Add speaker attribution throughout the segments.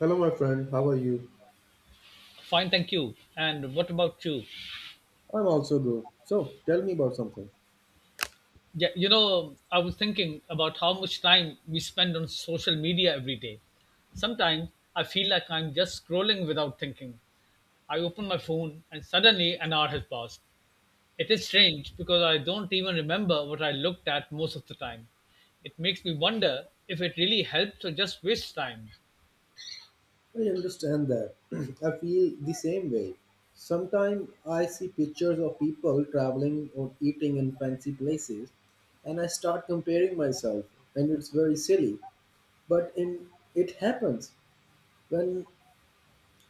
Speaker 1: Hello, my friend. How are you?
Speaker 2: Fine, thank you. And what about you?
Speaker 1: I'm also good. So, tell me about something.
Speaker 2: I was thinking about how much time we spend on social media every day. Sometimes I feel like I'm just scrolling without thinking. I open my phone and suddenly an hour has passed. It is strange because I don't even remember what I looked at most of the time. It makes me wonder if it really helps or just waste time.
Speaker 1: I understand that. I feel the same way. Sometimes I see pictures of people traveling or eating in fancy places, and I start comparing myself, and it's very silly. But in, it happens when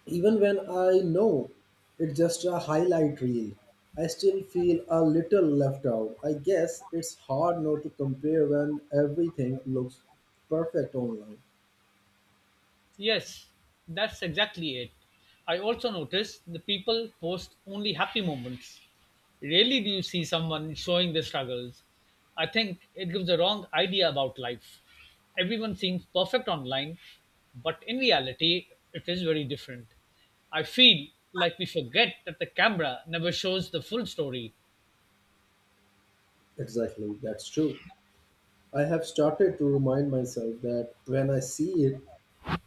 Speaker 1: Even when I know it's just a highlight reel, I still feel a little left out. I guess it's hard not to compare when everything looks perfect online.
Speaker 2: Yes, that's exactly it. I also noticed the people post only happy moments. Rarely do you see someone showing their struggles. I think it gives a wrong idea about life. Everyone seems perfect online, but in reality, it is very different. I feel like we forget that the camera never shows the full story.
Speaker 1: Exactly, that's true. I have started to remind myself that when I see it,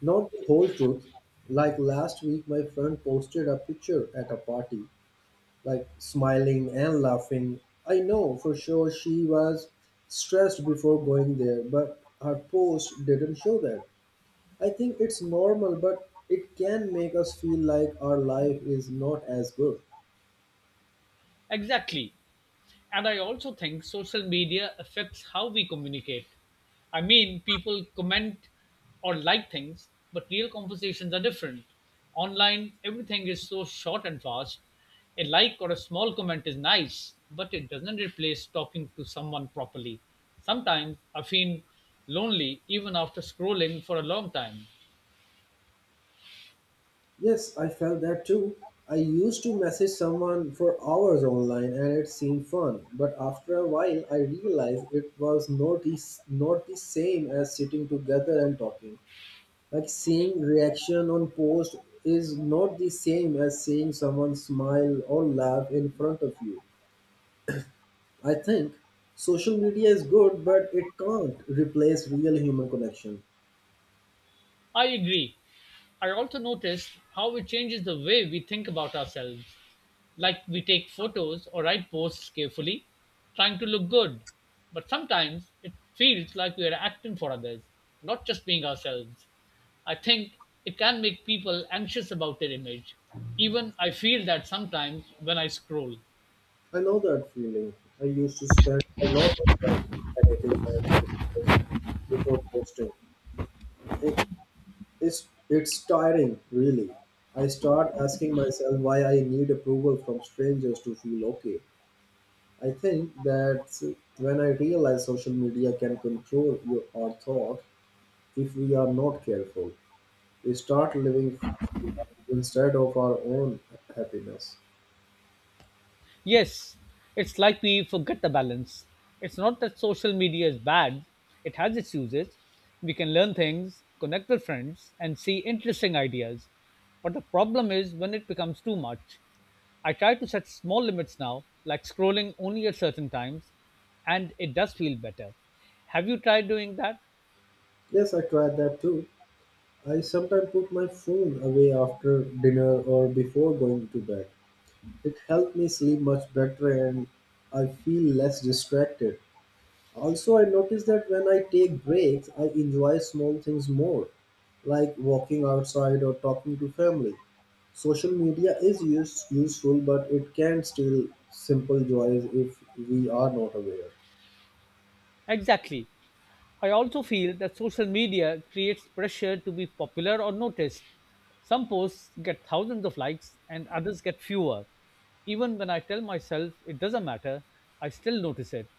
Speaker 1: not the whole truth. Like last week, my friend posted a picture at a party like smiling and laughing. I know for sure she was stressed before going there, but her post didn't show that. I think it's normal, but it can make us feel like our life is not as good.
Speaker 2: Exactly. And I also think social media affects how we communicate. I mean, people comment or like things, but real conversations are different. Online, everything is so short and fast. A like or a small comment is nice, but it doesn't replace talking to someone properly. Sometimes I feel lonely even after scrolling for a long time.
Speaker 1: Yes, I felt that too. I used to message someone for hours online and it seemed fun, but after a while I realized it was not the same as sitting together and talking. Like seeing reaction on post is not the same as seeing someone smile or laugh in front of you. I think social media is good, but it can't replace real human connection.
Speaker 2: I agree. I also noticed how it changes the way we think about ourselves. Like we take photos or write posts carefully, trying to look good. But sometimes it feels like we are acting for others, not just being ourselves. I think it can make people anxious about their image. Even I feel that sometimes when I scroll.
Speaker 1: I know that feeling. I used to spend a lot of time editing my pictures before posting. It, it's tiring, really. I start asking myself why I need approval from strangers to feel okay. I think that when I realize social media can control your, our thought if we are not careful. We start living instead of our own happiness.
Speaker 2: Yes, it's like we forget the balance. It's not that social media is bad, it has its uses. We can learn things, connect with friends, and see interesting ideas. But the problem is when it becomes too much. I try to set small limits now, like scrolling only at certain times, and it does feel better. Have you tried doing that?
Speaker 1: Yes, I tried that too. I sometimes put my phone away after dinner or before going to bed. It helped me sleep much better and I feel less distracted. Also, I noticed that when I take breaks, I enjoy small things more, like walking outside or talking to family. Social media is use, useful, but it can steal simple joys if we are not aware.
Speaker 2: Exactly. I also feel that social media creates pressure to be popular or noticed. Some posts get thousands of likes and others get fewer. Even when I tell myself it doesn't matter, I still notice it.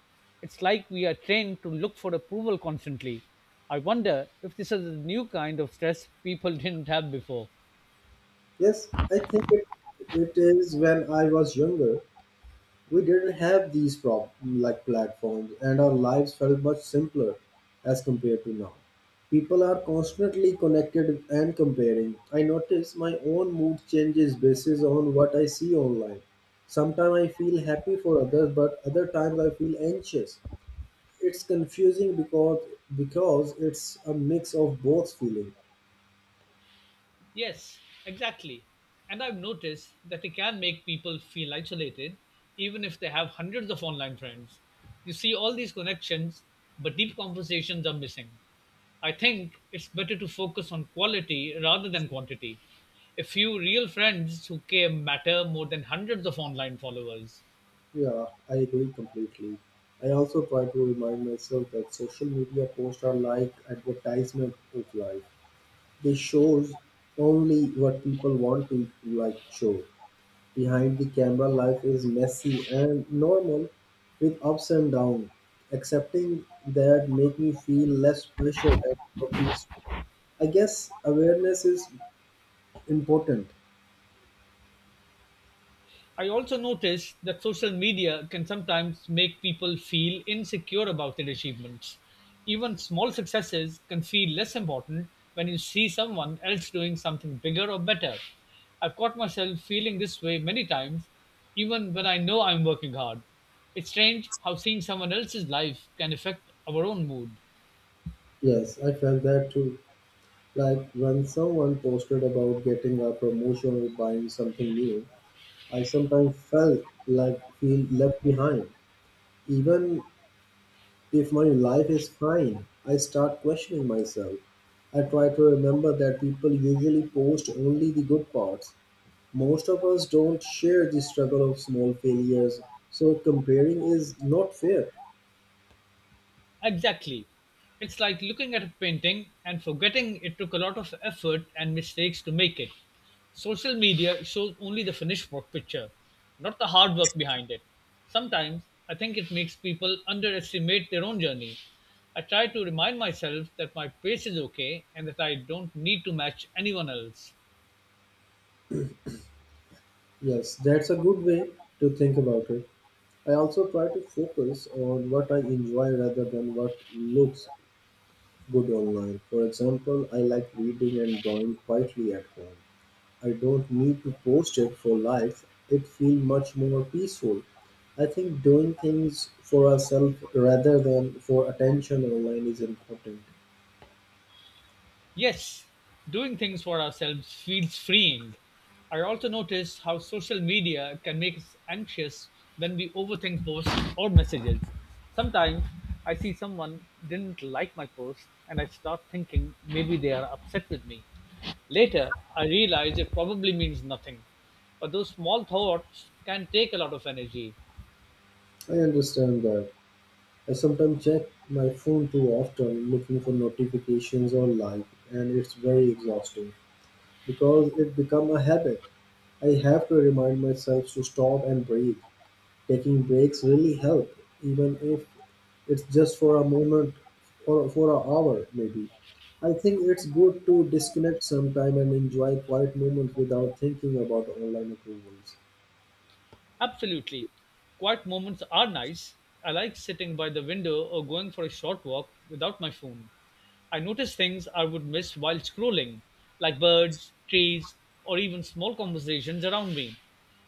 Speaker 2: It's like we are trained to look for approval constantly. I wonder if this is a new kind of stress people didn't have before.
Speaker 1: Yes, I think it is when I was younger, we didn't have these like platforms, and our lives felt much simpler as compared to now. People are constantly connected and comparing. I notice my own mood changes basis on what I see online. Sometimes I feel happy for others, but other times I feel anxious. It's confusing because it's a mix of both feeling.
Speaker 2: Yes, exactly. And I've noticed that it can make people feel isolated, even if they have hundreds of online friends. You see all these connections, but deep conversations are missing. I think it's better to focus on quality rather than quantity. A few real friends who care matter more than hundreds of online followers.
Speaker 1: Yeah, I agree completely. I also try to remind myself that social media posts are like advertisement of life. They shows only what people want to like show. Behind the camera life is messy and normal with ups and downs. Accepting that make me feel less pressure and more peace. I guess awareness is important.
Speaker 2: I also noticed that social media can sometimes make people feel insecure about their achievements. Even small successes can feel less important when you see someone else doing something bigger or better. I've caught myself feeling this way many times, even when I know I'm working hard. It's strange how seeing someone else's life can affect our own mood.
Speaker 1: Yes, I felt that too. Like when someone posted about getting a promotion or buying something new, I sometimes felt like feel left behind. Even if my life is fine, I start questioning myself. I try to remember that people usually post only the good parts. Most of us don't share the struggle of small failures, so comparing is not fair.
Speaker 2: Exactly. It's like looking at a painting and forgetting it took a lot of effort and mistakes to make it. Social media shows only the finished work picture, not the hard work behind it. Sometimes I think it makes people underestimate their own journey. I try to remind myself that my pace is okay and that I don't need to match anyone else.
Speaker 1: Yes, that's a good way to think about it. I also try to focus on what I enjoy rather than what looks good online. For example, I like reading and drawing quietly at home. I don't need to post it for likes. It feels much more peaceful. I think doing things for ourselves rather than for attention online is important.
Speaker 2: Yes, doing things for ourselves feels freeing. I also notice how social media can make us anxious when we overthink posts or messages. Sometimes I see someone didn't like my post and I start thinking maybe they are upset with me. Later, I realize it probably means nothing. But those small thoughts can take a lot of energy.
Speaker 1: I understand that. I sometimes check my phone too often looking for notifications or like, and it's very exhausting. Because it become a habit. I have to remind myself to stop and breathe. Taking breaks really help, even if it's just for a moment or for an hour maybe. I think it's good to disconnect sometime and enjoy quiet moments without thinking about online approvals.
Speaker 2: Absolutely. Quiet moments are nice. I like sitting by the window or going for a short walk without my phone. I notice things I would miss while scrolling, like birds, trees, or even small conversations around me.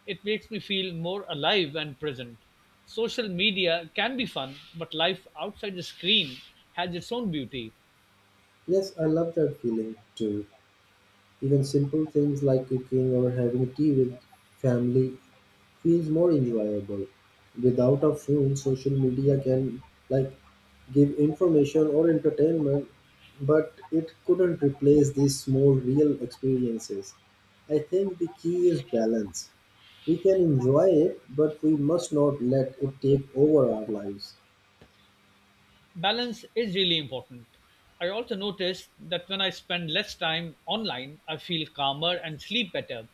Speaker 2: It makes me feel more alive and present. Social media can be fun, but life outside the screen has its own beauty.
Speaker 1: Yes, I love that feeling too. Even simple things like cooking or having tea with family feels more enjoyable. Without a phone, social media can like give information or entertainment, but it couldn't replace these small real experiences. I think the key is balance. We can enjoy it, but we must not let it take over our lives.
Speaker 2: Balance is really important. I also noticed that when I spend less time online, I feel calmer and sleep better.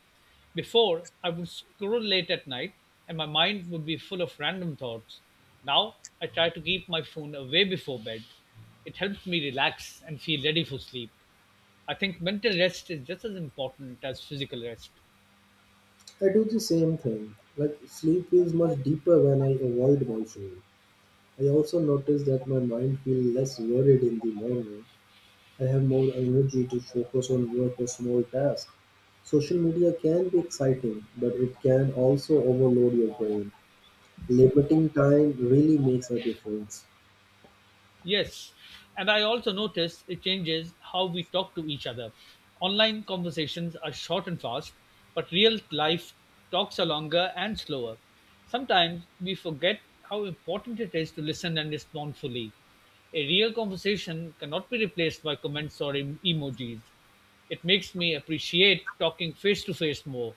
Speaker 2: Before, I would scroll late at night and my mind would be full of random thoughts. Now, I try to keep my phone away before bed. It helps me relax and feel ready for sleep. I think mental rest is just as important as physical rest.
Speaker 1: I do the same thing. Like sleep feels much deeper when I avoid my phone. I also notice that my mind feels less worried in the morning. I have more energy to focus on work or small tasks. Social media can be exciting, but it can also overload your brain. Limiting time really makes a difference.
Speaker 2: Yes. And I also notice it changes how we talk to each other. Online conversations are short and fast, but real life talks are longer and slower. Sometimes we forget how important it is to listen and respond fully. A real conversation cannot be replaced by comments or emojis. It makes me appreciate talking face to face more.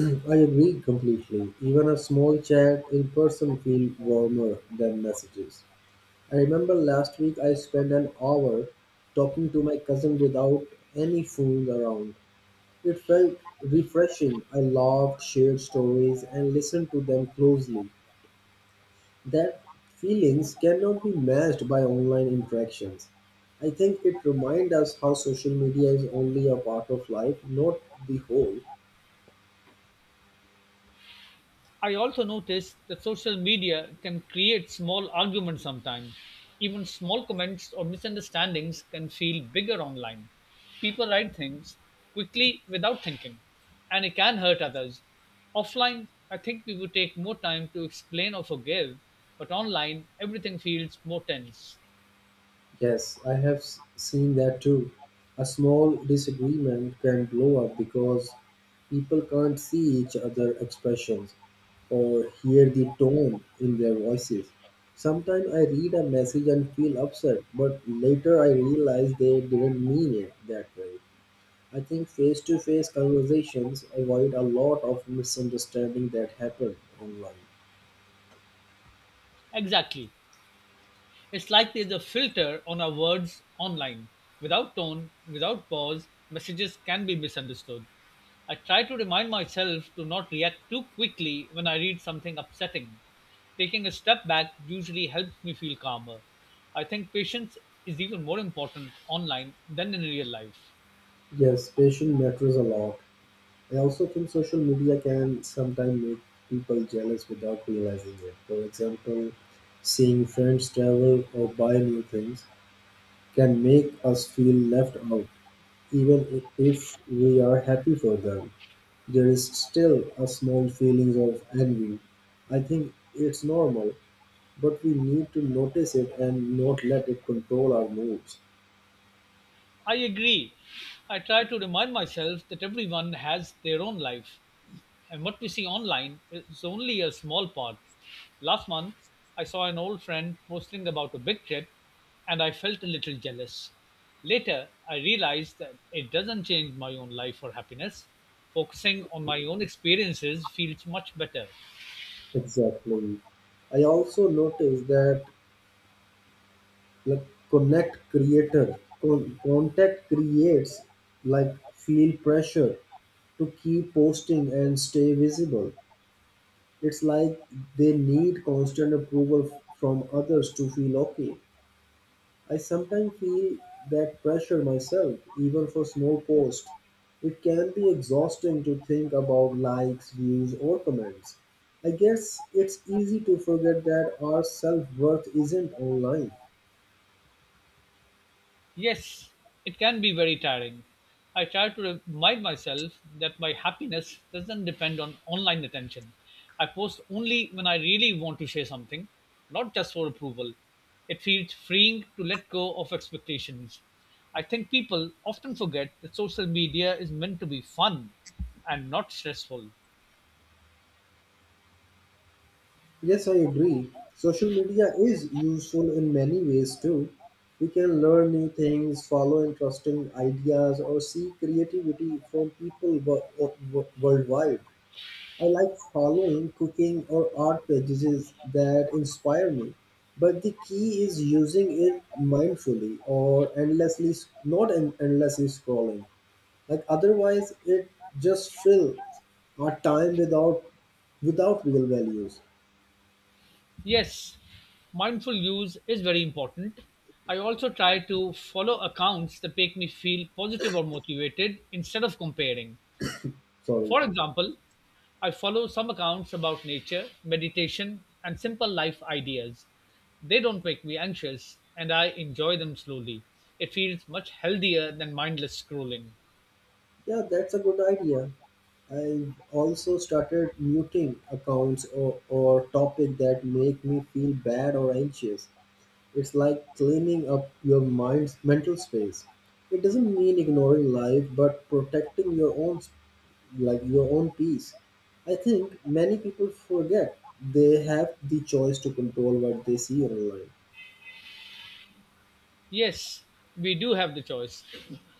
Speaker 1: I agree completely. Even a small chat in person feels warmer than messages. I remember last week I spent an hour talking to my cousin without any phone around. It felt refreshing. I laughed, shared stories, and listened to them closely. That feelings cannot be matched by online interactions. I think it reminds us how social media is only a part of life, not the whole.
Speaker 2: I also noticed that social media can create small arguments sometimes. Even small comments or misunderstandings can feel bigger online. People write things quickly without thinking, and it can hurt others. Offline, I think we would take more time to explain or forgive, but online, everything feels more tense.
Speaker 1: Yes, I have seen that too. A small disagreement can blow up because people can't see each other expressions or hear the tone in their voices. Sometimes I read a message and feel upset, but later I realize they didn't mean it that way. I think face to face conversations avoid a lot of misunderstanding that happen online.
Speaker 2: Exactly. It's like there's a filter on our words online. Without tone, without pause, messages can be misunderstood. I try to remind myself to not react too quickly when I read something upsetting. Taking a step back usually helps me feel calmer. I think patience is even more important online than in real life.
Speaker 1: Yes, patience matters a lot. I also think social media can sometimes make people jealous without realizing it. For example, seeing friends travel or buy new things can make us feel left out, even if we are happy for them. There is still a small feeling of envy. I think it's normal, but we need to notice it and not let it control our moods.
Speaker 2: I agree. I try to remind myself that everyone has their own life, and what we see online is only a small part. Last month, I saw an old friend posting about a big trip, and I felt a little jealous. Later, I realized that it doesn't change my own life or happiness. Focusing on my own experiences feels much better.
Speaker 1: Exactly. I also noticed that like connect creator contact creates like feel pressure to keep posting and stay visible. It's like they need constant approval from others to feel okay. I sometimes feel that pressure myself even for small posts. It can be exhausting to think about likes views or comments. I guess it's easy to forget that our self-worth isn't online.
Speaker 2: Yes, it can be very tiring. I try to remind myself that my happiness doesn't depend on online attention. I post only when I really want to share something, not just for approval. It feels freeing to let go of expectations. I think people often forget that social media is meant to be fun and not stressful.
Speaker 1: Yes, I agree. Social media is useful in many ways too. We can learn new things, follow interesting ideas, or see creativity from people worldwide. I like following cooking or art pages that inspire me. But the key is using it mindfully or endlessly, not endlessly scrolling. Like otherwise, it just fills our time without real values.
Speaker 2: Yes, mindful use is very important. I also try to follow accounts that make me feel positive or motivated instead of comparing.
Speaker 1: Sorry.
Speaker 2: For example, I follow some accounts about nature, meditation, and simple life ideas. They don't make me anxious, and I enjoy them slowly. It feels much healthier than mindless scrolling.
Speaker 1: Yeah, that's a good idea. I've also started muting accounts or topic that make me feel bad or anxious. It's like cleaning up your mind's mental space. It doesn't mean ignoring life, but protecting your own like your own peace. I think many people forget they have the choice to control what they see online.
Speaker 2: Yes, we do have the choice.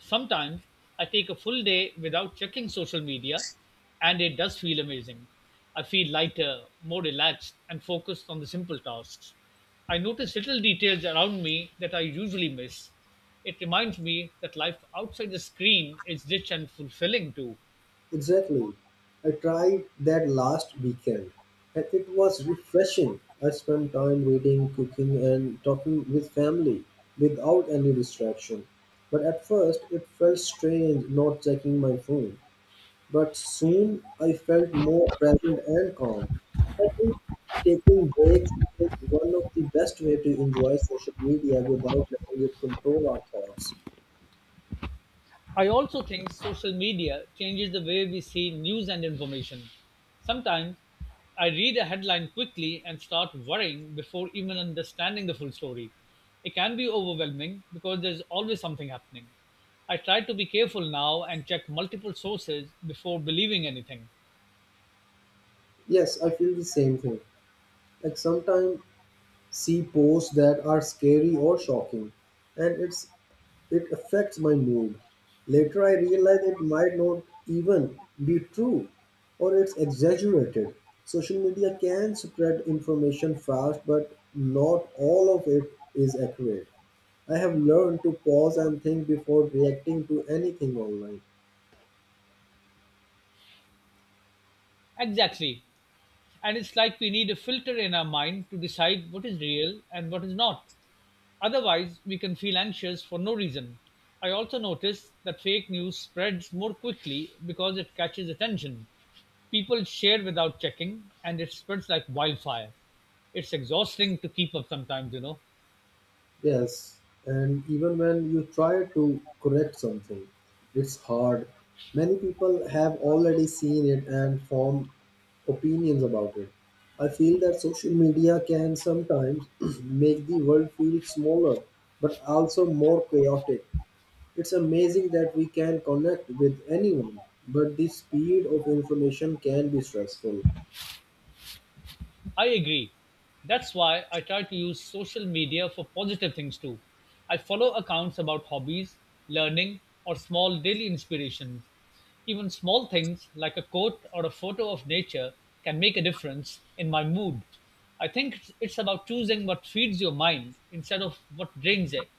Speaker 2: Sometimes I take a full day without checking social media, and it does feel amazing. I feel lighter, more relaxed, and focused on the simple tasks. I notice little details around me that I usually miss. It reminds me that life outside the screen is rich and fulfilling too.
Speaker 1: Exactly. I tried that last weekend and it was refreshing. I spent time reading, cooking, and talking with family without any distraction. But at first, it felt strange not checking my phone. But soon, I felt more present and calm. I think taking breaks is one of the best way to enjoy social media without letting it control our thoughts.
Speaker 2: I also think social media changes the way we see news and information. Sometimes I read a headline quickly and start worrying before even understanding the full story. It can be overwhelming because there's always something happening. I try to be careful now and check multiple sources before believing anything.
Speaker 1: Yes, I feel the same thing. Like sometimes see posts that are scary or shocking, and it's it affects my mood. Later I realize it might not even be true or it's exaggerated. Social media can spread information fast but not all of it is accurate. I have learned to pause and think before reacting to anything online.
Speaker 2: Exactly. And it's like we need a filter in our mind to decide what is real and what is not. Otherwise, we can feel anxious for no reason. I also noticed that fake news spreads more quickly because it catches attention. People share without checking and it spreads like wildfire. It's exhausting to keep up sometimes, you know.
Speaker 1: Yes, and even when you try to correct something, it's hard. Many people have already seen it and form opinions about it. I feel that social media can sometimes make the world feel smaller but also more chaotic. It's amazing that we can connect with anyone, but the speed of information can be stressful.
Speaker 2: I agree. That's why I try to use social media for positive things too. I follow accounts about hobbies, learning, or small daily inspirations. Even small things like a quote or a photo of nature can make a difference in my mood. I think it's about choosing what feeds your mind instead of what drains it.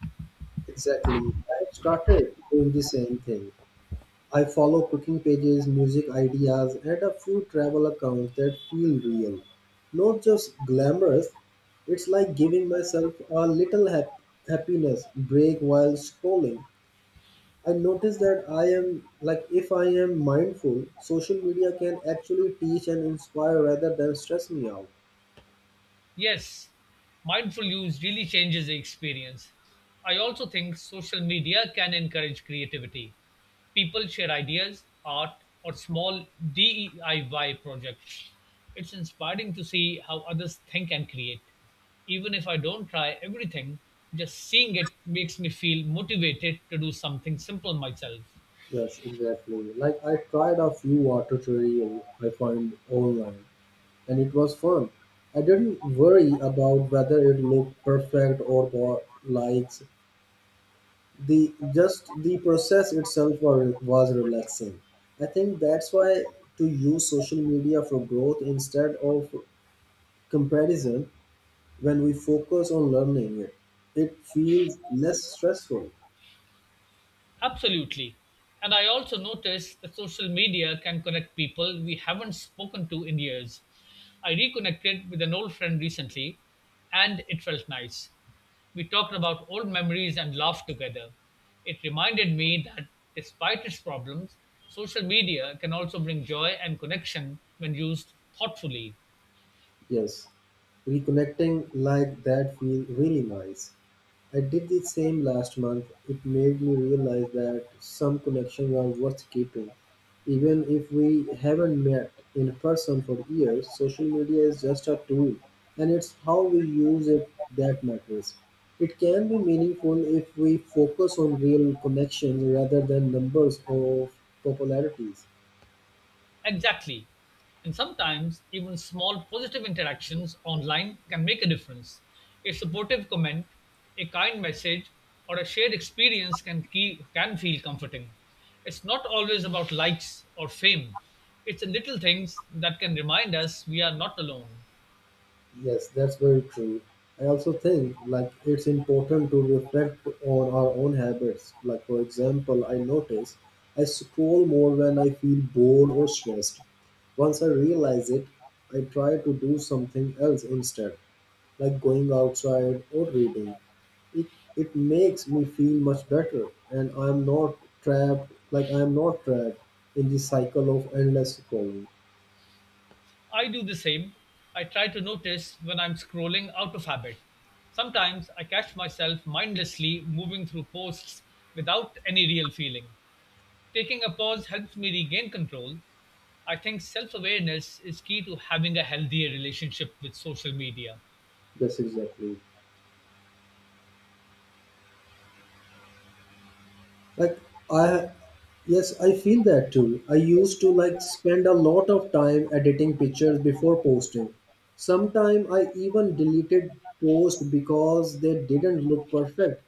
Speaker 1: Exactly. I started doing the same thing. I follow cooking pages, music ideas, and a few travel accounts that feel real. Not just glamorous, it's like giving myself a little happiness break while scrolling. I notice that I am, like, if I am mindful, social media can actually teach and inspire rather than stress me out.
Speaker 2: Yes, mindful use really changes the experience. I also think social media can encourage creativity. People share ideas, art, or small DIY projects. It's inspiring to see how others think and create. Even if I don't try everything, just seeing it makes me feel motivated to do something simple myself.
Speaker 1: Yes, exactly. Like, I tried a few water tutorials I find online and it was fun. I didn't worry about whether it looked perfect or got likes. The just the process itself was relaxing. I think that's why to use social media for growth instead of comparison. When we focus on learning it, it feels less stressful.
Speaker 2: Absolutely. And I also noticed that social media can connect people we haven't spoken to in years. I reconnected with an old friend recently, and it felt nice. We talked about old memories and laughed together. It reminded me that despite its problems, social media can also bring joy and connection when used thoughtfully.
Speaker 1: Yes. Reconnecting like that feels really nice. I did the same last month. It made me realize that some connections are worth keeping. Even if we haven't met in person for years, social media is just a tool and it's how we use it that matters. It can be meaningful if we focus on real connections rather than numbers of popularities.
Speaker 2: Exactly. And sometimes even small positive interactions online can make a difference. A supportive comment, a kind message, or a shared experience can feel comforting. It's not always about likes or fame. It's the little things that can remind us we are not alone.
Speaker 1: Yes, that's very true. I also think like it's important to reflect on our own habits. Like for example, I notice I scroll more when I feel bored or stressed. Once I realize it, I try to do something else instead, like going outside or reading. It it makes me feel much better and I'm not trapped, in the cycle of endless scrolling.
Speaker 2: I do the same. I try to notice when I'm scrolling out of habit. Sometimes I catch myself mindlessly moving through posts without any real feeling. Taking a pause helps me regain control. I think self awareness is key to having a healthier relationship with social media.
Speaker 1: Yes, exactly. like I Yes, I feel that too. I used to like spend a lot of time editing pictures before posting. Sometime I even deleted posts because they didn't look perfect,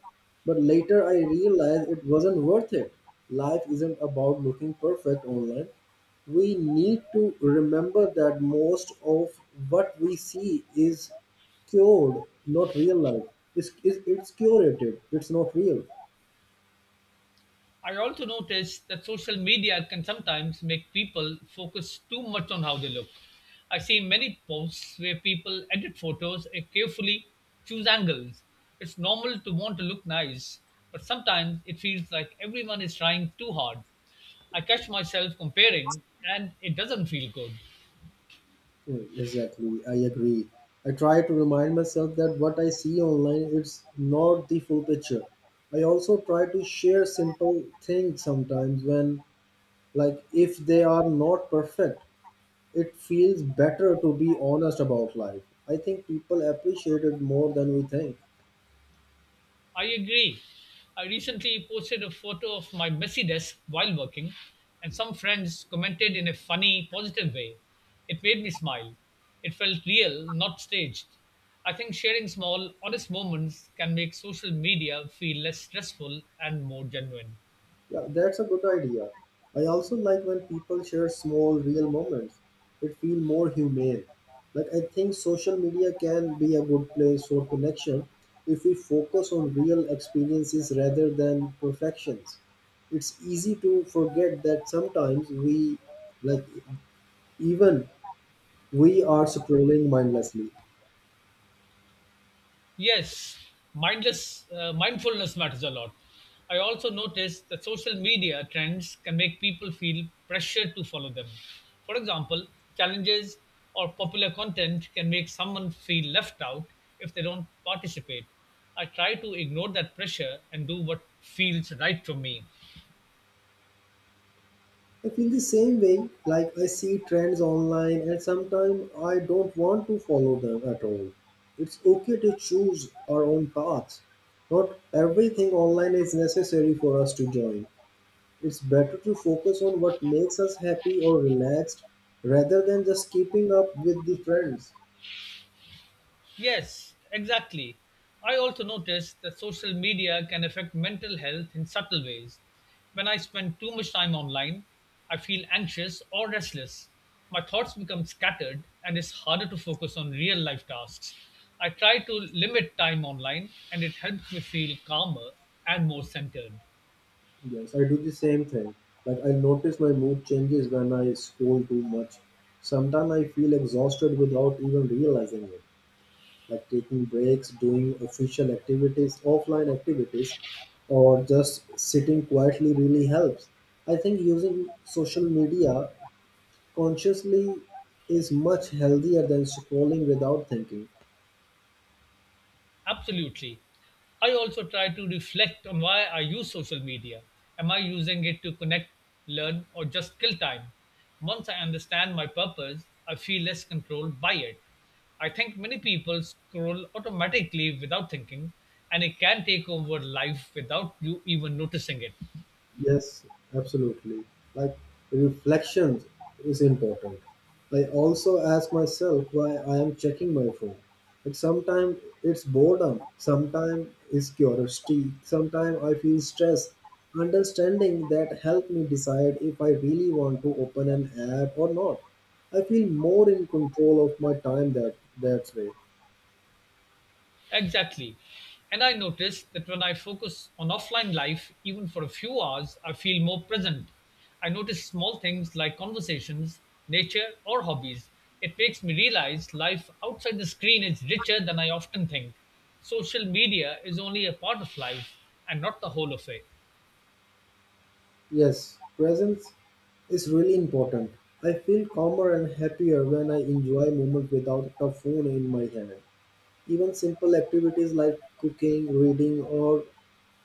Speaker 1: but later I realized it wasn't worth it. Life isn't about looking perfect online. We need to remember that most of what we see is cured, not real life. It's curated, it's not real.
Speaker 2: I also notice that social media can sometimes make people focus too much on how they look. I see many posts where people edit photos and carefully choose angles. It's normal to want to look nice, but sometimes it feels like everyone is trying too hard. I catch myself comparing and it doesn't feel good.
Speaker 1: Exactly, I agree. I try to remind myself that what I see online it's not the full picture. I also try to share simple things sometimes when, like, if they are not perfect, it feels better to be honest about life. I think people appreciate it more than we think.
Speaker 2: I agree. I recently posted a photo of my messy desk while working, and some friends commented in a funny, positive way. It made me smile. It felt real, not staged. I think sharing small, honest moments can make social media feel less stressful and more genuine.
Speaker 1: Yeah, that's a good idea. I also like when people share small, real moments. It feels more humane. Like, I think social media can be a good place for connection if we focus on real experiences rather than perfections. It's easy to forget that sometimes we, like, even we are scrolling mindlessly.
Speaker 2: Yes, mindless mindfulness matters a lot. I also noticed that social media trends can make people feel pressure to follow them. For example, challenges or popular content can make someone feel left out if they don't participate. I try to ignore that pressure and do what feels right for me.
Speaker 1: I feel the same way, like I see trends online and sometimes I don't want to follow them at all. It's okay to choose our own paths. Not everything online is necessary for us to join. It's better to focus on what makes us happy or relaxed rather than just keeping up with the trends.
Speaker 2: Yes, exactly. I also noticed that social media can affect mental health in subtle ways. When I spend too much time online, I feel anxious or restless. My thoughts become scattered and it's harder to focus on real life tasks. I try to limit time online and it helps me feel calmer and more centered.
Speaker 1: Yes, I do the same thing. Like I notice my mood changes when I scroll too much. Sometimes I feel exhausted without even realizing it. Like taking breaks, doing official activities, offline activities, or just sitting quietly really helps. I think using social media consciously is much healthier than scrolling without thinking.
Speaker 2: Absolutely. I also try to reflect on why I use social media. Am I using it to connect, learn, or just kill time? Once I understand my purpose, I feel less controlled by it. I think many people scroll automatically without thinking, and it can take over life without you even noticing it.
Speaker 1: Yes, absolutely. Like reflection is important. I also ask myself why I am checking my phone. Like sometimes it's boredom, sometimes it's curiosity, sometimes I feel stressed. Understanding that helped me decide if I really want to open an app or not. I feel more in control of my time that way.
Speaker 2: Exactly. And I noticed that when I focus on offline life, even for a few hours, I feel more present. I notice small things like conversations, nature, or hobbies. It makes me realize life outside the screen is richer than I often think. Social media is only a part of life and not the whole of it.
Speaker 1: Yes, presence is really important. I feel calmer and happier when I enjoy moments without a phone in my hand. Even simple activities like cooking, reading, or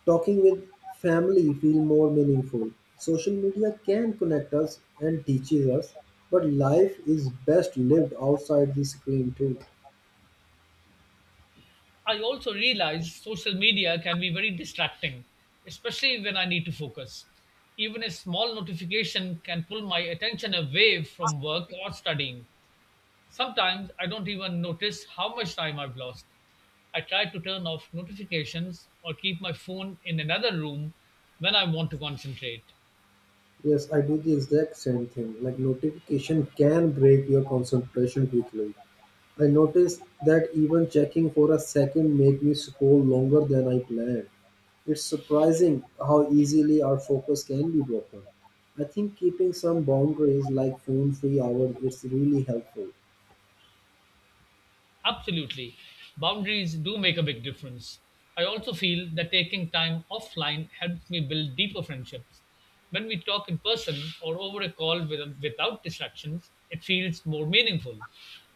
Speaker 1: talking with family feel more meaningful. Social media can connect us and teaches us, but life is best lived outside the screen too.
Speaker 2: I also realize social media can be very distracting, especially when I need to focus. Even a small notification can pull my attention away from work or studying. Sometimes I don't even notice how much time I've lost. I try to turn off notifications or keep my phone in another room when I want to concentrate.
Speaker 1: Yes, I do the exact same thing. Like notification can break your concentration quickly. I noticed that even checking for a second made me scroll longer than I planned. It's surprising how easily our focus can be broken. I think keeping some boundaries like phone free hours is really helpful.
Speaker 2: Absolutely, boundaries do make a big difference. I also feel that taking time offline helps me build deeper friendships. When we talk in person or over a call with, without distractions, it feels more meaningful.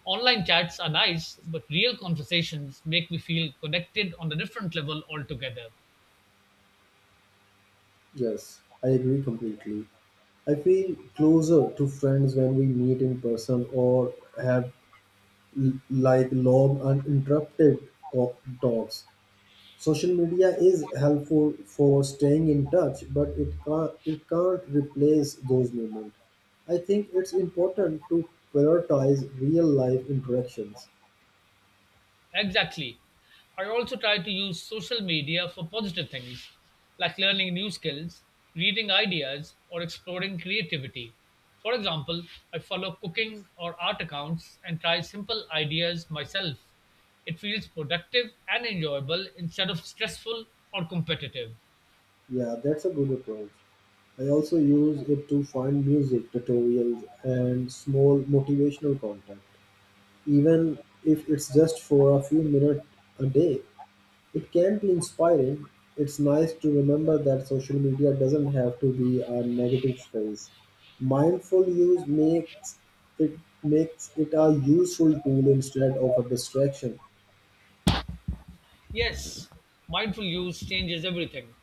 Speaker 2: Online chats are nice, but real conversations make me feel connected on a different level altogether.
Speaker 1: Yes, I agree completely. I feel closer to friends when we meet in person or have like long uninterrupted talks. Social media is helpful for staying in touch, but it can't replace those moments. I think it's important to prioritize real life interactions.
Speaker 2: Exactly. I also try to use social media for positive things, like learning new skills, reading ideas, or exploring creativity. For example, I follow cooking or art accounts and try simple ideas myself. It feels productive and enjoyable instead of stressful or competitive.
Speaker 1: Yeah, that's a good approach. I also use it to find music tutorials and small motivational content, even if it's just for a few minutes a day. It can be inspiring. It's nice to remember that social media doesn't have to be a negative space. Mindful use makes it a useful tool instead of a distraction.
Speaker 2: Yes, mindful use changes everything.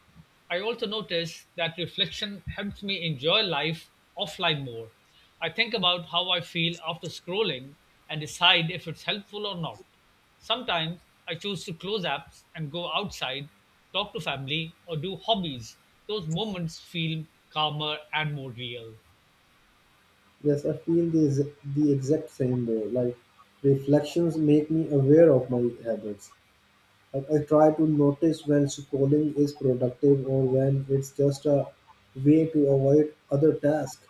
Speaker 2: I also notice that reflection helps me enjoy life offline more. I think about how I feel after scrolling and decide if it's helpful or not. Sometimes I choose to close apps and go outside, talk to family, or do hobbies. Those moments feel calmer and more real.
Speaker 1: Yes, I feel the exact same way. Like reflections make me aware of my habits. Like I try to notice when scrolling is productive or when it's just a way to avoid other tasks.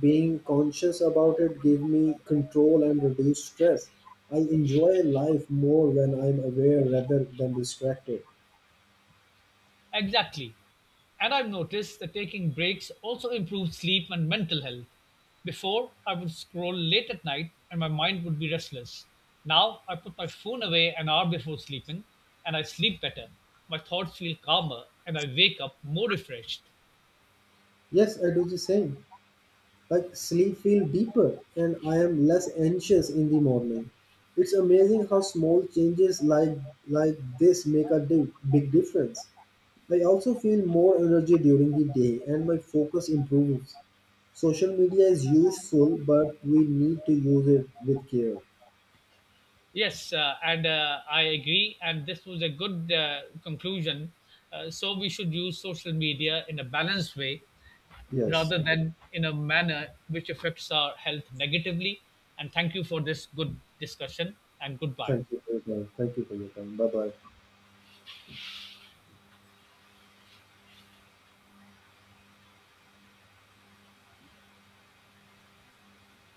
Speaker 1: Being conscious about it gives me control and reduce stress. I enjoy life more when I'm aware rather than distracted.
Speaker 2: Exactly. And I've noticed that taking breaks also improves sleep and mental health. Before, I would scroll late at night and my mind would be restless. Now, I put my phone away an hour before sleeping and I sleep better. My thoughts feel calmer and I wake up more refreshed.
Speaker 1: Yes, I do the same. Like sleep feel deeper and I am less anxious in the morning. It's amazing how small changes like this make a big difference. I also feel more energy during the day and my focus improves. Social media is useful, but we need to use it with care.
Speaker 2: Yes, and I agree. And this was a good conclusion. So, we should use social media in a balanced way
Speaker 1: Yes.
Speaker 2: rather than in a manner which affects our health negatively. And thank you for this good discussion and goodbye.
Speaker 1: Thank you for your time. Thank you for your time. Bye bye.